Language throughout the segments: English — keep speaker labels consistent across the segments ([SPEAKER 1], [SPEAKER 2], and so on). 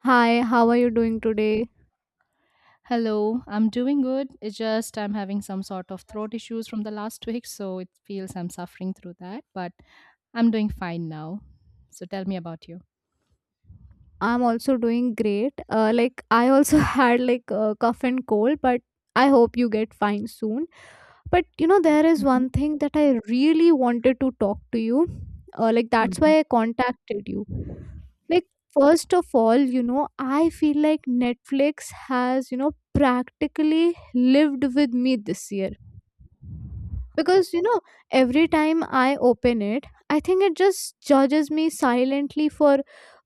[SPEAKER 1] Hi, how are you doing today?
[SPEAKER 2] Hello, I'm doing good. It's just I'm having some sort of throat issues from the last week, so it feels I'm suffering through that, but I'm doing fine now. So tell me about you.
[SPEAKER 1] I'm also doing great. Like I also had like a cough and cold, but I hope you get fine soon. But you know, there is
[SPEAKER 2] hmm
[SPEAKER 1] one thing that I really wanted to talk to you. Like that's
[SPEAKER 2] hmm
[SPEAKER 1] why I contacted you. Like first of all, you know, I feel like Netflix has you know practically lived with me this year because you know every time I open it, I think it just judges me silently for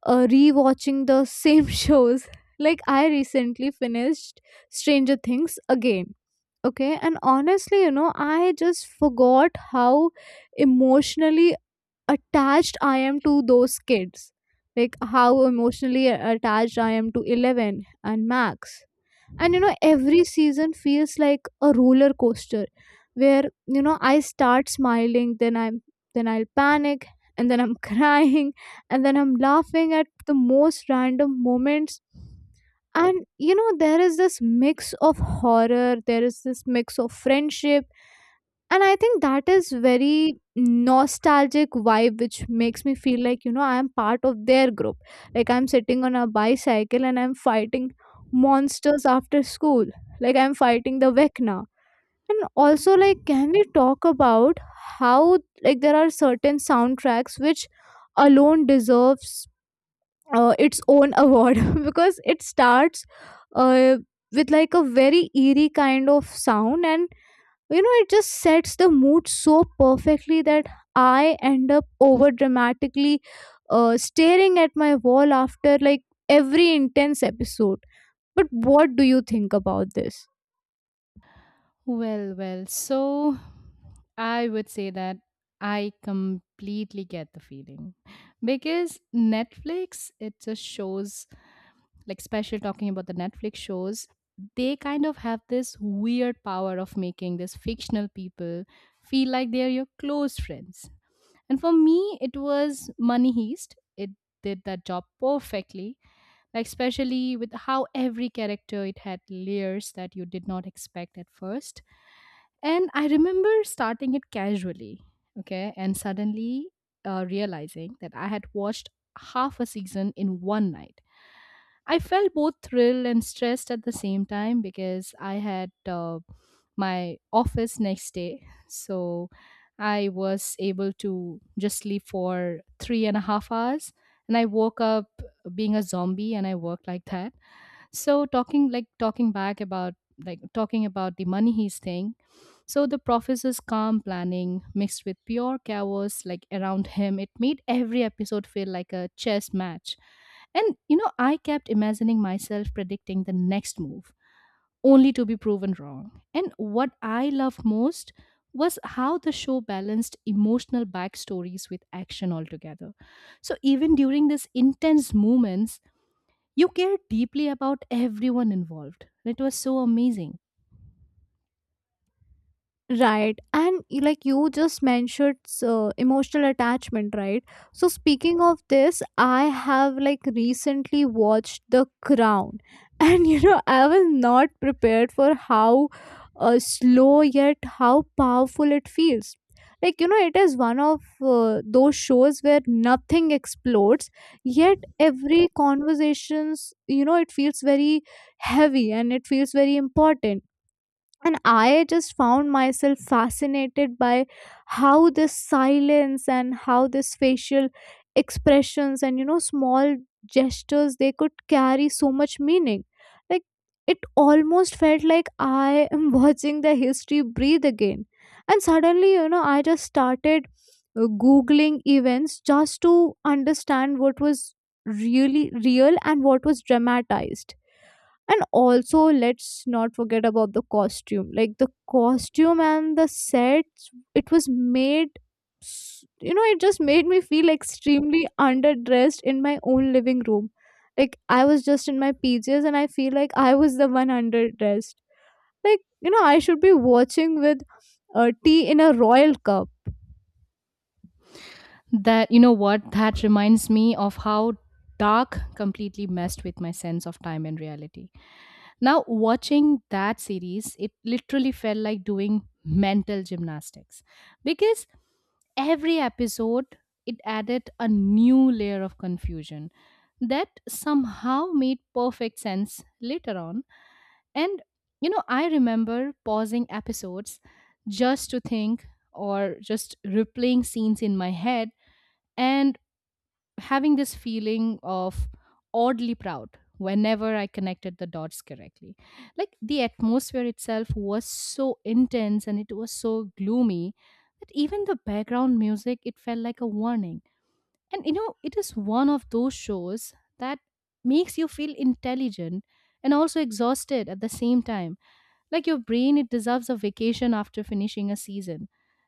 [SPEAKER 1] rewatching the same shows. Like I recently finished Stranger Things again. Okay, and honestly, you know, I just forgot how emotionally attached I am to those kids. Like how emotionally attached I am to 11 and Max. And you know every season feels like a roller coaster where, you know, I start smiling, then I'm then I'll panic, and then I'm crying, and then I'm laughing at the most random moments. And you know there is this mix of horror, there is this mix of friendship, and I think that is very nostalgic vibe, which makes me feel like, you know, I am part of their group. Like I'm sitting on a bicycle and I'm fighting monsters after school. Like I'm fighting the Vecna. And also, like, can we talk about how, like, there are certain soundtracks which alone deserves its own award because it starts uh, with like a very eerie kind of sound, and you know it just sets the mood so perfectly that I end up over dramatically staring at my wall after like every intense episode. But what do you think about this?
[SPEAKER 2] well, so I would say that I completely get the feeling because Netflix, it just shows, like, special talking about the Netflix shows, they kind of have this weird power of making these fictional people feel like they're your close friends. And for me, it was Money Heist. It did that job perfectly, like especially with how every character it had layers that you did not expect at first. And I remember starting it casually, okay, and suddenly realizing that I had watched half a season in one night. I felt both thrilled and stressed at the same time because I had my office next day. So I was able to just sleep for 3.5 hours. And I woke up being a zombie and I worked like that. So talking like talking back about like talking about the Money he's staying so the professor's calm planning mixed with pure chaos like around him, it made every episode feel like a chess match. And you know, I kept imagining myself predicting the next move only to be proven wrong. And what I loved most was how the show balanced emotional backstories with action altogether, so even during these intense moments you care deeply about everyone involved. It was so amazing
[SPEAKER 1] Right. And like you just mentioned emotional attachment, right? So speaking of this, I have like recently watched The Crown. And you know, I was not prepared for how slow yet how powerful it feels. Like you know, it is one of those shows where nothing explodes, yet every conversations, you know, it feels very heavy and it feels very important. And I just found myself fascinated by how this silence and how this facial expressions and, you know, small gestures, they could carry so much meaning. Like it almost felt like I am watching the history breathe again. And suddenly, you know, I just started googling events just to understand what was really real and what was dramatized. And also, let's not forget about the costume. Like the costume and the sets it was made, you know, it just made me feel extremely underdressed in my own living room. Like I was just in my PJs and I feel like I was the one underdressed. Like you know I should be watching with tea in a royal cup.
[SPEAKER 2] that, you know what, that reminds me of how Dark completely messed with my sense of time and reality. Now watching that series, it literally felt like doing mental gymnastics because every episode it added a new layer of confusion that somehow made perfect sense later on. And you know, I remember pausing episodes just to think or just replaying scenes in my head and having this feeling of oddly proud whenever I connected the dots correctly. Like the atmosphere itself was so intense and it was so gloomy that even the background music, it felt like a warning. And you know, it is one of those shows that makes you feel intelligent and also exhausted at the same time. Like your brain, it deserves a vacation after finishing a season.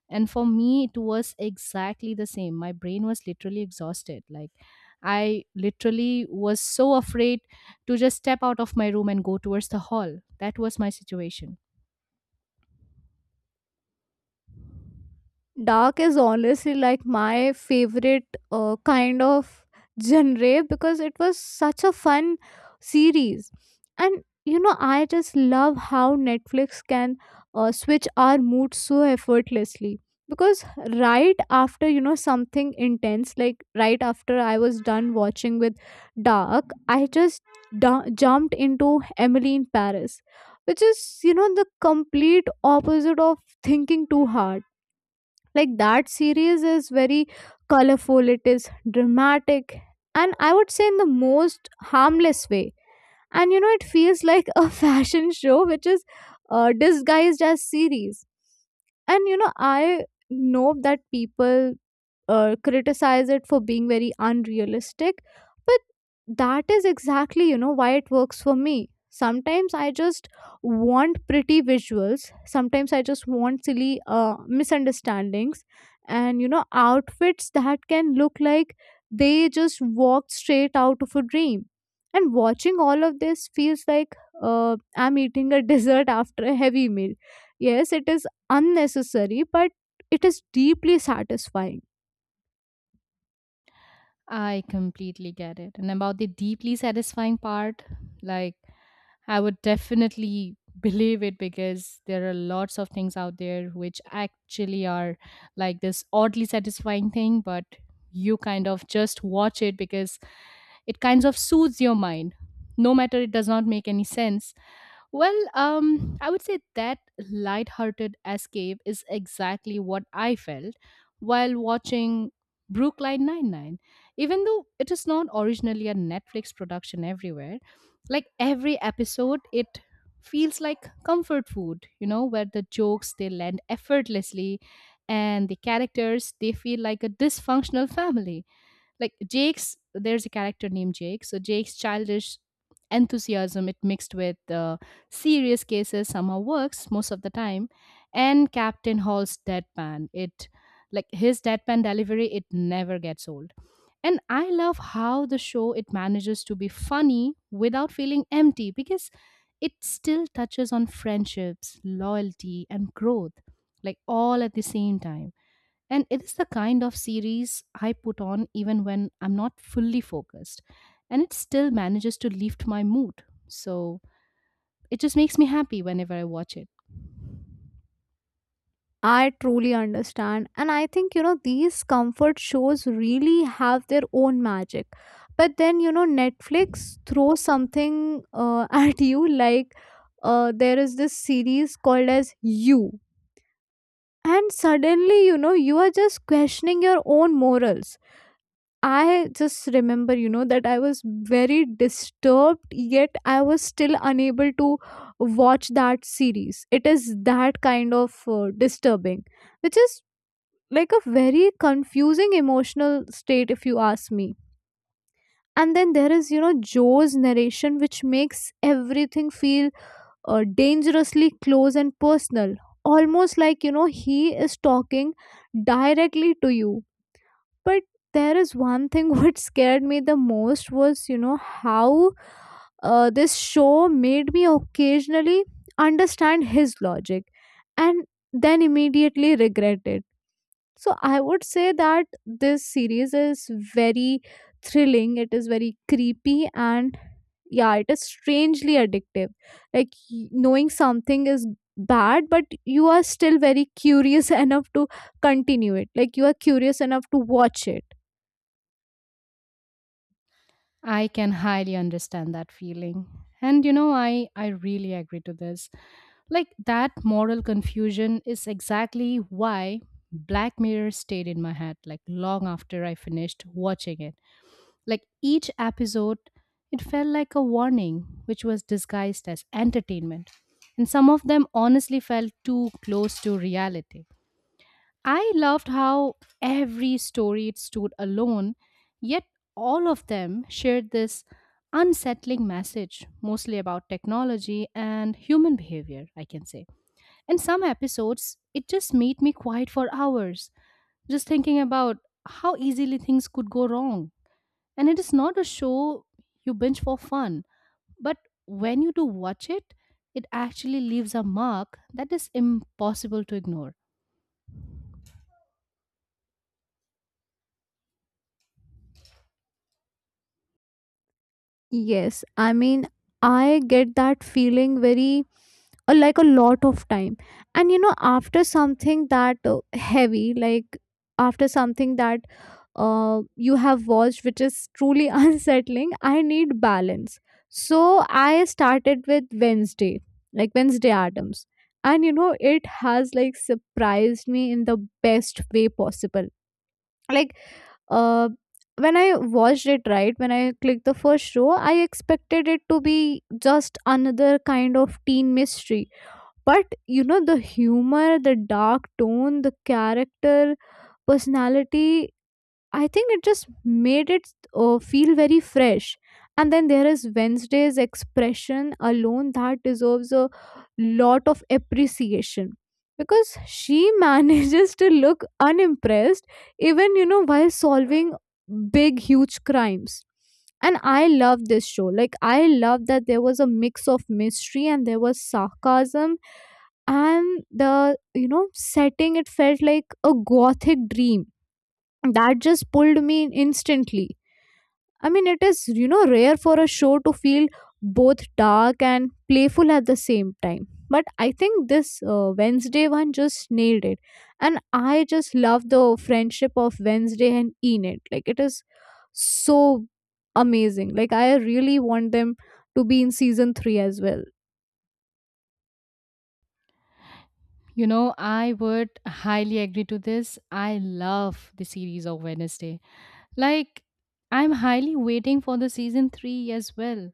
[SPEAKER 2] And for me it was exactly the same. My brain was literally exhausted. Like, I literally was so afraid to just step out of my room and go towards the hall. That was my situation.
[SPEAKER 1] Dark is honestly like my favorite kind of genre because it was such a fun series. And you know I just love how Netflix can switch our mood so effortlessly, because right after, you know, something intense, like right after I was done watching with Dark, I just jumped into Emily in Paris, which is, you know, the complete opposite of thinking too hard. Like that series is very colorful, it is dramatic, and I would say in the most harmless way. And you know it feels like a fashion show which is disguised as series. And you know I know that people criticize it for being very unrealistic, but that is exactly, you know, why it works for me. Sometimes I just want pretty visuals, sometimes I just want silly misunderstandings and, you know, outfits that can look like they just walked straight out of a dream. And watching all of this feels like I'm eating a dessert after a heavy meal. Yes, it is unnecessary, but it is deeply satisfying.
[SPEAKER 2] I completely get it. And about the deeply satisfying part, like, I would definitely believe it because there are lots of things out there which actually are like this oddly satisfying thing, but you kind of just watch it because it kind of soothes your mind. No matter it does not make any sense, well, I would say that light-hearted escape is exactly what I felt while watching Brooklyn Nine-Nine. Even though it is not originally a Netflix production everywhere, like every episode, it feels like comfort food, you know, where the jokes they land effortlessly and the characters they feel like a dysfunctional family. Like Jake's there's a character named Jake. So Jake's childish enthusiasm it mixed with serious cases somehow works most of the time. And Captain Hall's deadpan, it, his deadpan delivery it never gets old. And I love how the show, it manages to be funny without feeling empty because it still touches on friendships, loyalty and growth, like all at the same time. And it is the kind of series I put on even when I'm not fully focused. And it still manages to lift my mood. So it just makes me happy whenever I watch it.
[SPEAKER 1] I truly understand. And I think, you know, these comfort shows really have their own magic. But then, you know, Netflix throws something at you, like there is this series called as You. And suddenly, you know, you are just questioning your own morals. I just remember, you know, that I was very disturbed, yet I was still unable to watch that series. It is that kind of disturbing, which is like a very confusing emotional state, if you ask me. And then there is, you know, Joe's narration, which makes everything feel dangerously close and personal. Almost like, you know, he is talking directly to you. But there is one thing what scared me the most was, you know, how this show made me occasionally understand his logic and then immediately regret it. So I would say that this series is very thrilling, it is very creepy, and yeah, it is strangely addictive. Like knowing something is bad, but you are still very curious enough to continue it. Like you are curious enough to watch it.
[SPEAKER 2] I can highly understand that feeling. And you know, I really agree to this. Like that moral confusion is exactly why Black Mirror stayed in my head like long after I finished watching it. Like each episode, it felt like a warning, which was disguised as entertainment. And some of them honestly felt too close to reality. I loved how every story it stood alone, yet all of them shared this unsettling message, mostly about technology and human behavior, I can say. In some episodes, it just made me quiet for hours, just thinking about how easily things could go wrong. And it is not a show you binge for fun, but when you do watch it, it actually leaves a mark that is impossible to ignore.
[SPEAKER 1] Yes, I mean, I get that feeling very, like a lot of time. And you know, after something that heavy, like after something that you have watched, which is truly unsettling, I need balance. So I started with Wednesday, like Wednesday Adams. And you know, it has like surprised me in the best way possible. Like, uh, when I watched it, right, when I clicked the first row, I expected it to be just another kind of teen mystery. But you know, the humor, the dark tone, the character personality, I think it just made it feel very fresh. And then there is Wednesday's expression alone that deserves a lot of appreciation because she manages to look unimpressed even, you know, while solving big huge crimes. And I love this show. Like I love that there was a mix of mystery and there was sarcasm, and the, you know, setting, it felt like a gothic dream that just pulled me in instantly. I mean, it is, you know, rare for a show to feel both dark and playful at the same time, but I think this Wednesday one just nailed it. And I just love the friendship of Wednesday and Enid. Like it is so amazing. Like I really want them to be in season 3 as well.
[SPEAKER 2] You know, I would highly agree to this. I love the series of Wednesday. Like, I'm highly waiting for the season 3 as well.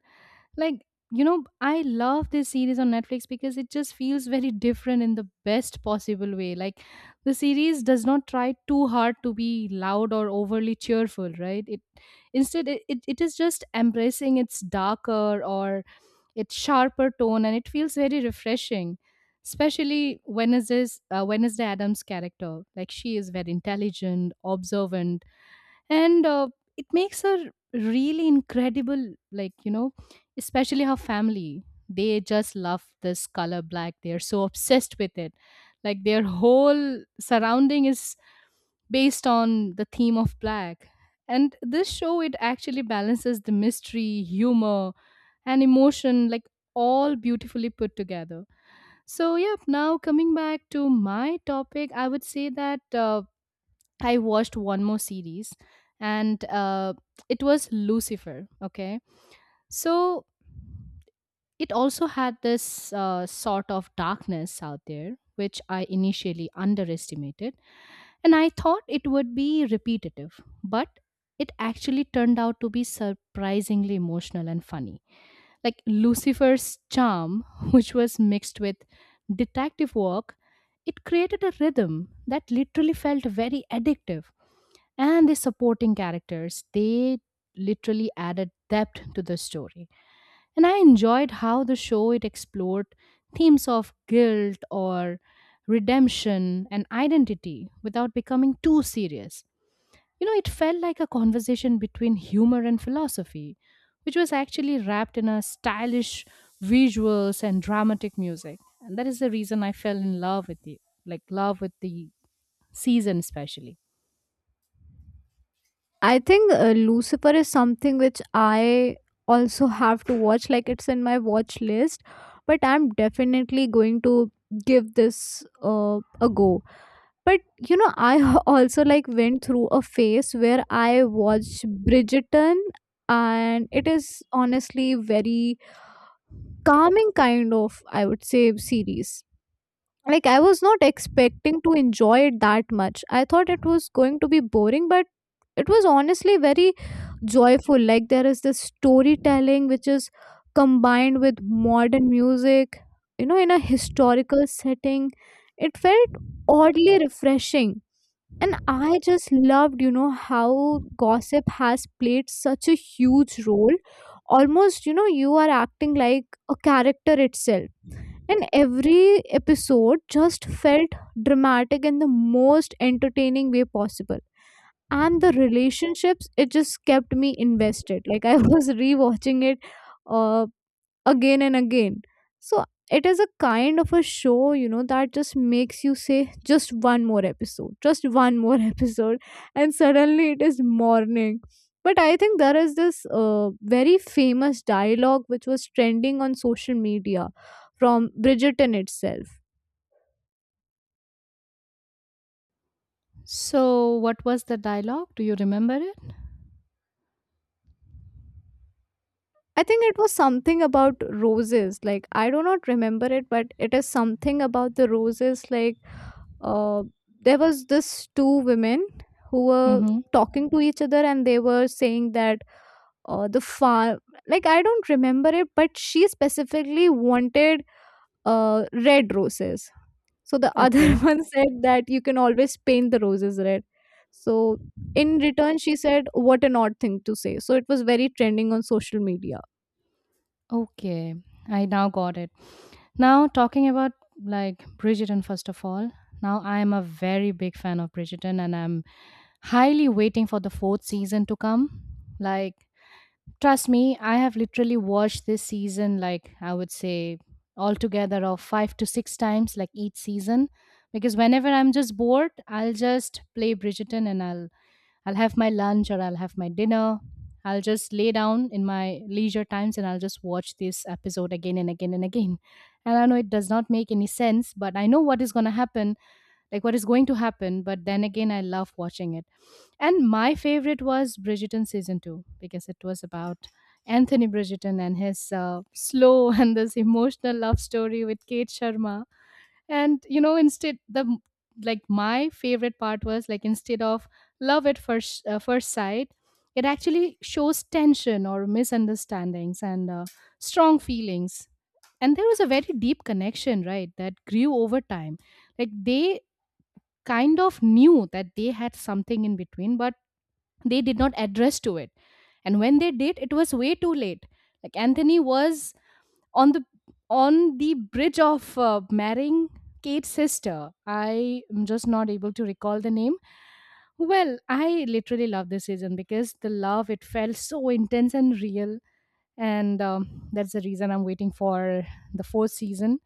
[SPEAKER 2] Like, you know, I love this series on Netflix because it just feels very different in the best possible way. Like, the series does not try too hard to be loud or overly cheerful, right? It instead, it is just embracing its darker or its sharper tone and it feels very refreshing. Especially when is this Wednesday Adams character, like, she is very intelligent, observant, and it makes her really incredible. Like, you know, especially her family, they just love this color black. They are so obsessed with it. Like, their whole surrounding is based on the theme of black. And this show, it actually balances the mystery, humor and emotion, like all beautifully put together. So yeah, now coming back to my topic, I would say that I watched one more series, and it was Lucifer. Okay. So it also had this sort of darkness out there, which I initially underestimated. And I thought it would be repetitive, but it actually turned out to be surprisingly emotional and funny. Like Lucifer's charm, which was mixed with detective work, it created a rhythm that literally felt very addictive. And the supporting characters, they literally added depth to the story. And I enjoyed how the show, it explored themes of guilt or redemption and identity without becoming too serious. You know, it felt like a conversation between humor and philosophy, which was actually wrapped in a stylish visuals and dramatic music. And that is the reason I fell in love with the, love with the season especially.
[SPEAKER 1] I think Lucifer is something which I also have to watch. Like it's in my watch list, but I'm definitely going to give this a go. But you know, I also like went through a phase where I watched Bridgerton, and it is honestly very calming kind of, I would say, series. Like I was not expecting to enjoy it that much. I thought it was going to be boring, but it was honestly very joyful. Like there is this storytelling which is combined with modern music, you know, in a historical setting. It felt oddly refreshing. And I just loved, you know, how gossip has played such a huge role, almost, you know, you are acting like a character itself. And every episode just felt dramatic in the most entertaining way possible. And the relationships, it just kept me invested. Like I was rewatching it uh, again and again. So it is a kind of a show, you know, that just makes you say just one more episode, just one more episode, and suddenly it is morning. But I think there is this very famous dialogue which was trending on social media from Bridgerton itself.
[SPEAKER 2] So, what was the dialogue? Do you remember it?
[SPEAKER 1] I think it was something about roses. Like I do not remember it, but it is something about the roses. Like uh, there was this two women who were
[SPEAKER 2] Mm-hmm.
[SPEAKER 1] talking to each other, and they were saying that the farm. Like I don't remember it, but she specifically wanted red roses. So the other
[SPEAKER 2] Okay.
[SPEAKER 1] one said that you can always paint the roses red. So in return, she said, "What an odd thing to say." So it was very trending on social media.
[SPEAKER 2] Okay. I now got it. Now, talking about like Bridgerton, first of all, now I am a very big fan of Bridgerton and I'm highly waiting for the fourth season to come. Like, trust me, I have literally watched this season, like, I would say altogether of five to six times, like each season. Because whenever I'm just bored, I'll just play Bridgerton and I'll have my lunch or I'll have my dinner. I'll just lay down in my leisure times and I'll just watch this episode again and again and again. And I know it does not make any sense, but I know what is going to happen, like what is going to happen. But then again, I love watching it. And my favorite was Bridgerton season two because it was about Anthony Bridgerton and his slow and this emotional love story with Kate Sharma. And you know, like my favorite part was, like, instead of love at first first sight, it actually shows tension or misunderstandings and strong feelings. And there was a very deep connection, right, that grew over time. Like, they kind of knew that they had something in between, but they did not address to it. And when they did, it was way too late. Like Anthony was on the bridge of marrying Kate's sister. I am just not able to recall the name. Well, I literally love this season because the love it felt so intense and real, and that's the reason I'm waiting for the fourth season.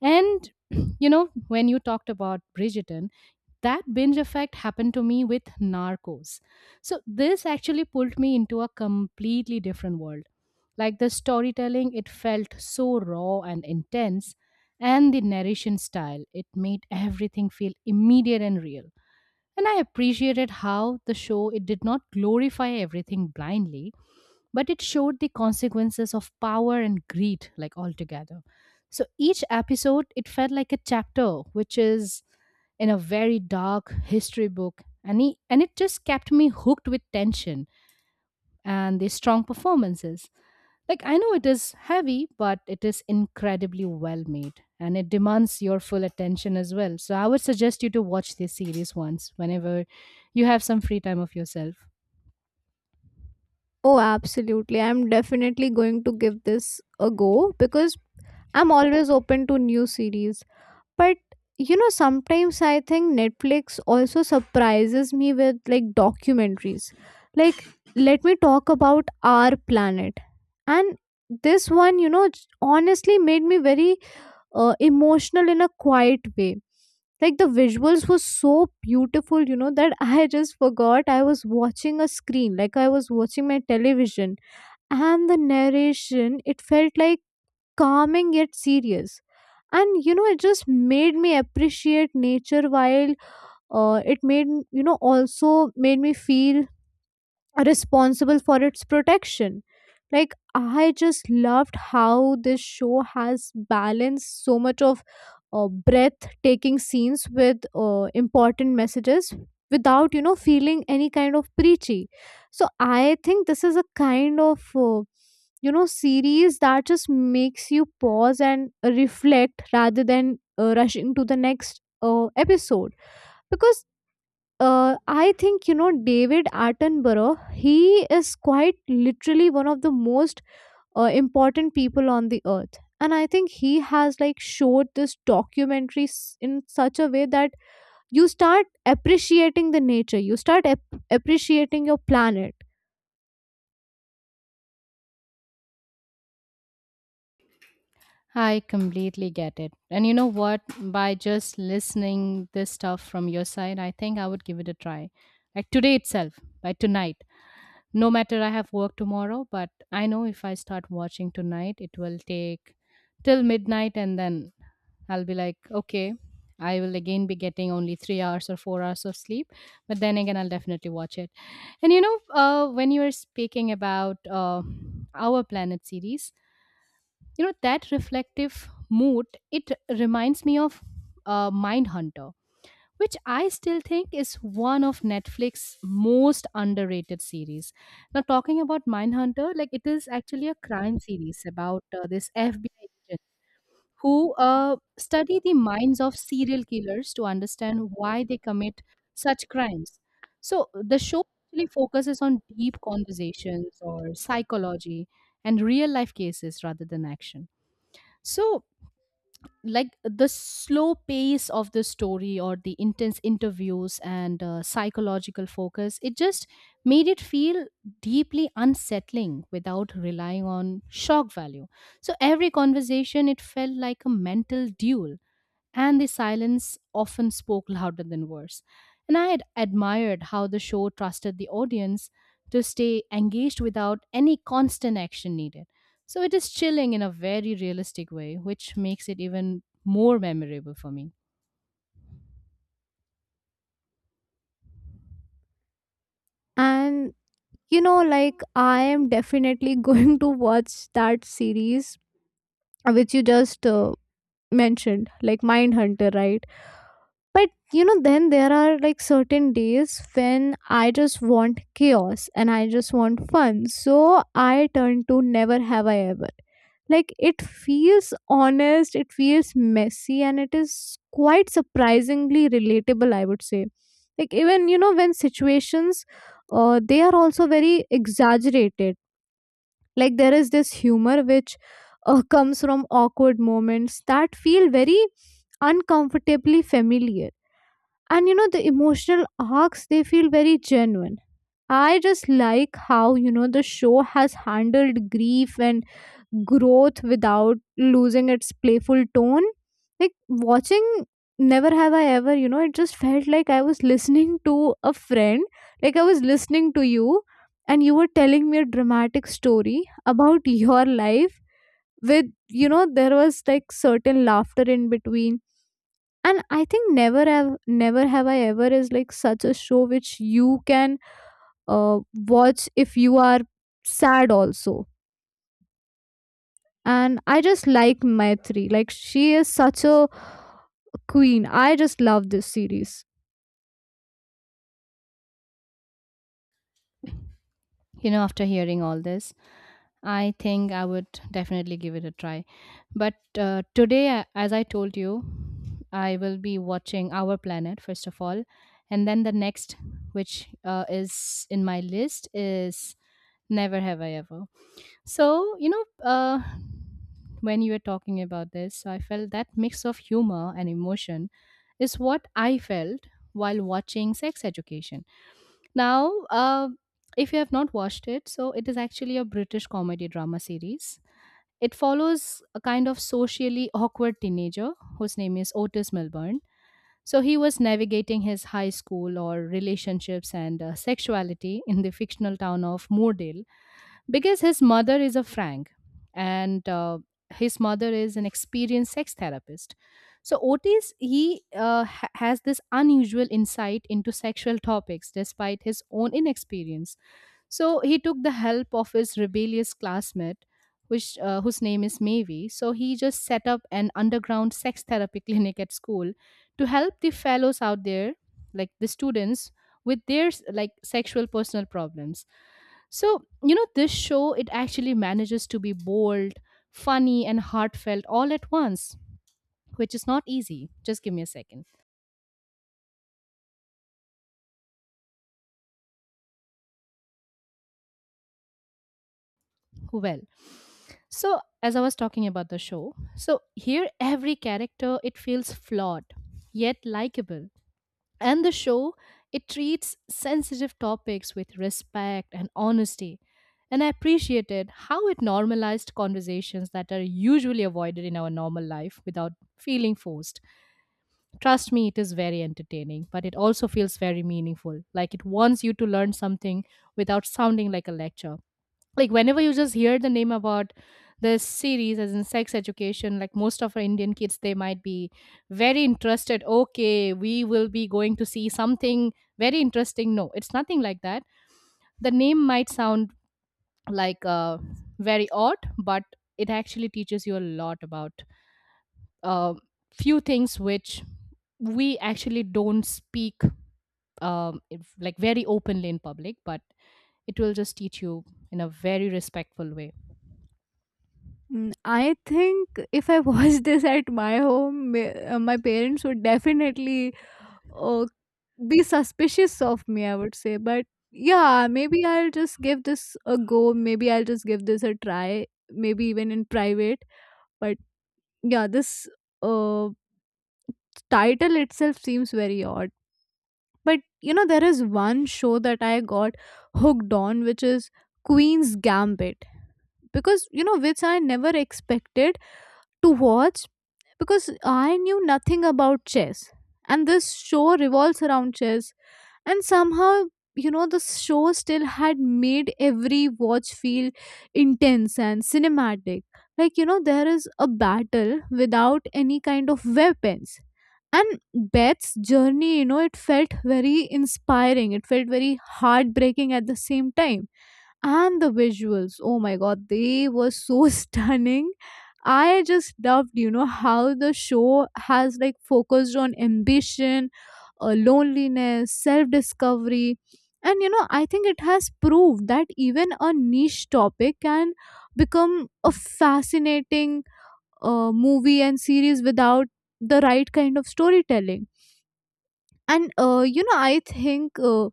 [SPEAKER 2] And you know, when you talked about Bridgerton, that binge effect happened to me with Narcos. So this actually pulled me into a completely different world. Like the storytelling, it felt so raw and intense, and the narration style, it made everything feel immediate and real. And I appreciated how the show, it did not glorify everything blindly, but it showed the consequences of power and greed, like altogether. So each episode it felt like a chapter which is in a very dark history book. And and it just kept me hooked with tension and the strong performances. Like, I know it is heavy, but it is incredibly well made and it demands your full attention as well. So I would suggest you to watch this series once whenever you have some free time of yourself.
[SPEAKER 1] Oh, absolutely. I'm definitely going to give this a go because I'm always open to new series. But you know, sometimes I think Netflix also surprises me with like documentaries. Like, let me talk about Our Planet. And this one, you know, honestly made me very emotional in a quiet way. Like, the visuals were so beautiful, you know, that I just forgot I was watching a screen, like I was watching my television. And the narration, it felt like calming yet serious. And you know it just made me appreciate nature while it made, you know, also made me feel responsible for its protection. Like, I just loved how this show has balanced so much of breathtaking scenes with important messages without, you know, feeling any kind of preachy. So, I think this is a kind of, series that just makes you pause and reflect rather than rushing to the next episode because I think you know David Attenborough. He is quite literally one of the most important people on the earth, and I think he has like showed this in such a way that you start appreciating the nature, you start appreciating your planet,
[SPEAKER 2] I completely get it. And you know what? By just listening this stuff from your side, I think I would give it a try. Like today itself, by tonight. No matter I have work tomorrow, but I know if I start watching tonight, it will take till midnight and then I'll be like, okay, I will again be getting only 3 hours or 4 hours of sleep. But then again, I'll definitely watch it. And when you were speaking about our planet series, you know that reflective mood it reminds me of Mindhunter, which I still think is one of Netflix's most underrated series. Now, talking about Mindhunter, like, it is actually a crime series about this FBI agent who uh, study the minds of serial killers to understand why they commit such crimes. So the show actually focuses on deep conversations or psychology and real life cases rather than action. So like the slow pace of the story or the intense interviews and psychological focus, it just made it feel deeply unsettling without relying on shock value. So every conversation, it felt like a mental duel, and the silence often spoke louder than words. And I had admired how the show trusted the audience to stay engaged without any constant action needed. So it is chilling in a very realistic way, which makes it even more memorable for me.
[SPEAKER 1] and you know like I am definitely going to watch that series which you just mentioned, like Mindhunter, right? But you know, then there are like certain days when I just want chaos and I just want fun. So I turn to Never Have I Ever. Like it feels honest, it feels messy, and it is quite surprisingly relatable, I would say. Like even you know, when situations they are also very exaggerated. Like there is this humor which comes from awkward moments that feel very uncomfortably familiar. And you know the emotional arcs, they feel very genuine. I just like how you know the show has handled grief and growth without losing its playful tone. Like watching Never Have I Ever, you know, it just felt like I was listening to a friend. Like I was listening to you and you were telling me a dramatic story about your life with, you know, there was like certain laughter in between. And I think Never Have I Ever is like such a show which you can uh, watch if you are sad also. And I just like Maitri, like she is such a queen. I just love this series.
[SPEAKER 2] You know, after hearing all this, I think I would definitely give it a try. But today, as I told you, I will be watching Our Planet first of all, and then the next, which is in my list, is Never Have I Ever. So when you were talking about this, so I felt that mix of humor and emotion is what I felt while watching Sex Education. Now, if you have not watched it, so it is actually a British comedy drama series. It follows a kind of socially awkward teenager whose name is Otis Milburn. So he was navigating his high school or relationships and sexuality in the fictional town of Moordale, because his mother is a Frank, and his mother is an experienced sex therapist. So Otis, he has this unusual insight into sexual topics despite his own inexperience. So he took the help of his rebellious classmate, whose name is Maeve. So he just set up an underground sex therapy clinic at school to help the fellows out there, like the students, with their like sexual personal problems. So you know, this show, it actually manages to be bold, funny, and heartfelt all at once, which is not easy. Just give me a second. Well. So, as I was talking about the show, so here every character it feels flawed yet likable. And the show, it treats sensitive topics with respect and honesty. And I appreciated how it normalized conversations that are usually avoided in our normal life without feeling forced. Trust me, it is very entertaining, but it also feels very meaningful. Like, it wants you to learn something without sounding like a lecture. Like, whenever you just hear the name about this series, as in Sex Education, like most of our Indian kids, they might be very interested, okay, we will be going to see something very interesting. No, it's nothing like that. The name might sound like very odd, but it actually teaches you a lot about uh, few things which we actually don't speak like very openly in public, but it will just teach you in a very respectful way.
[SPEAKER 1] Mm, I think if I watched this at my home, my parents would definitely uh, be suspicious of me, I would say. But yeah, maybe I'll just give this a go. Maybe I'll just give this a try, maybe even in private. But yeah, this uh, title itself seems very odd. But you know, there is one show that I got hooked on, which is Queen's Gambit. Because you know, which I never expected to watch because I knew nothing about chess. And this show revolves around chess. And somehow, you know, the show still had made every watch feel intense and cinematic. Like, you know, there is a battle without any kind of weapons. And Beth's journey, you know, it felt very inspiring. It felt very heartbreaking at the same time. And the visuals, oh my god, they were so stunning. I just loved you know how the show has like focused on ambition, loneliness, self discovery. And you know I think it has proved that even a niche topic can become a fascinating movie and series without the right kind of storytelling. And you know I think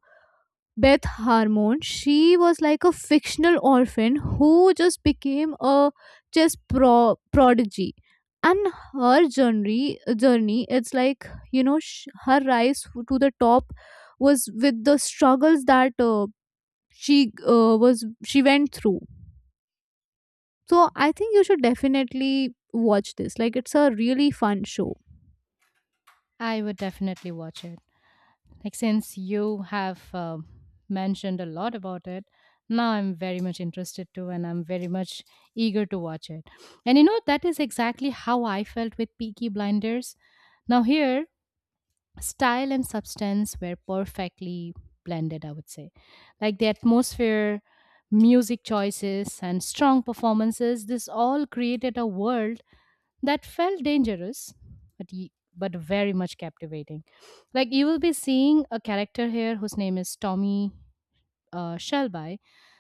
[SPEAKER 1] Beth Harmon, she was like a fictional orphan who just became a chess prodigy. And her journey, it's like, you know, her rise to the top was with the struggles that she was she went through. So I think you should definitely watch this. Like it's a really fun show.
[SPEAKER 2] I would definitely watch it. Like, since you have mentioned a lot about it, now I'm very much interested too, and I'm very much eager to watch it. And you know, that is exactly how I felt with Peaky Blinders. Now here, style and substance were perfectly blended, I would say. Like the atmosphere, music choices, and strong performances. This all created a world that felt dangerous but but very much captivating. Like, you will be seeing a character here whose name is Tommy Shelby.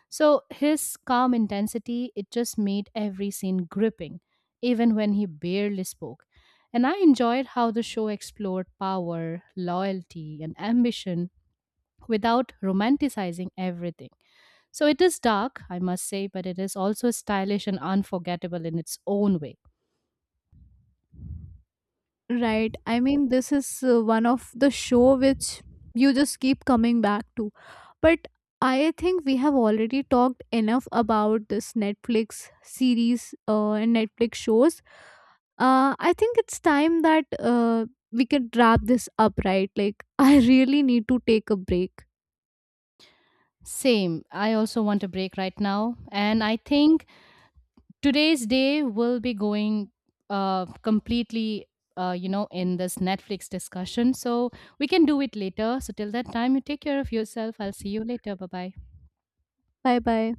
[SPEAKER 2] So his calm intensity, it just made every scene gripping even when he barely spoke. And I enjoyed how the show explored power, loyalty, and ambition without romanticizing everything. So it is dark, I must say, but it is also stylish and unforgettable in its own way.
[SPEAKER 1] Right. I mean, this is one of the show which you just keep coming back to. But I think we have already talked enough about this Netflix series and Netflix shows. I think it's time that we can wrap this up, right? Like, I really need to take a break.
[SPEAKER 2] Same. I also want a break right now. And I think today's day will be going completely, in this Netflix discussion. So we can do it later. So till that time, you take care of yourself. I'll see you later. Bye bye.
[SPEAKER 1] Bye bye.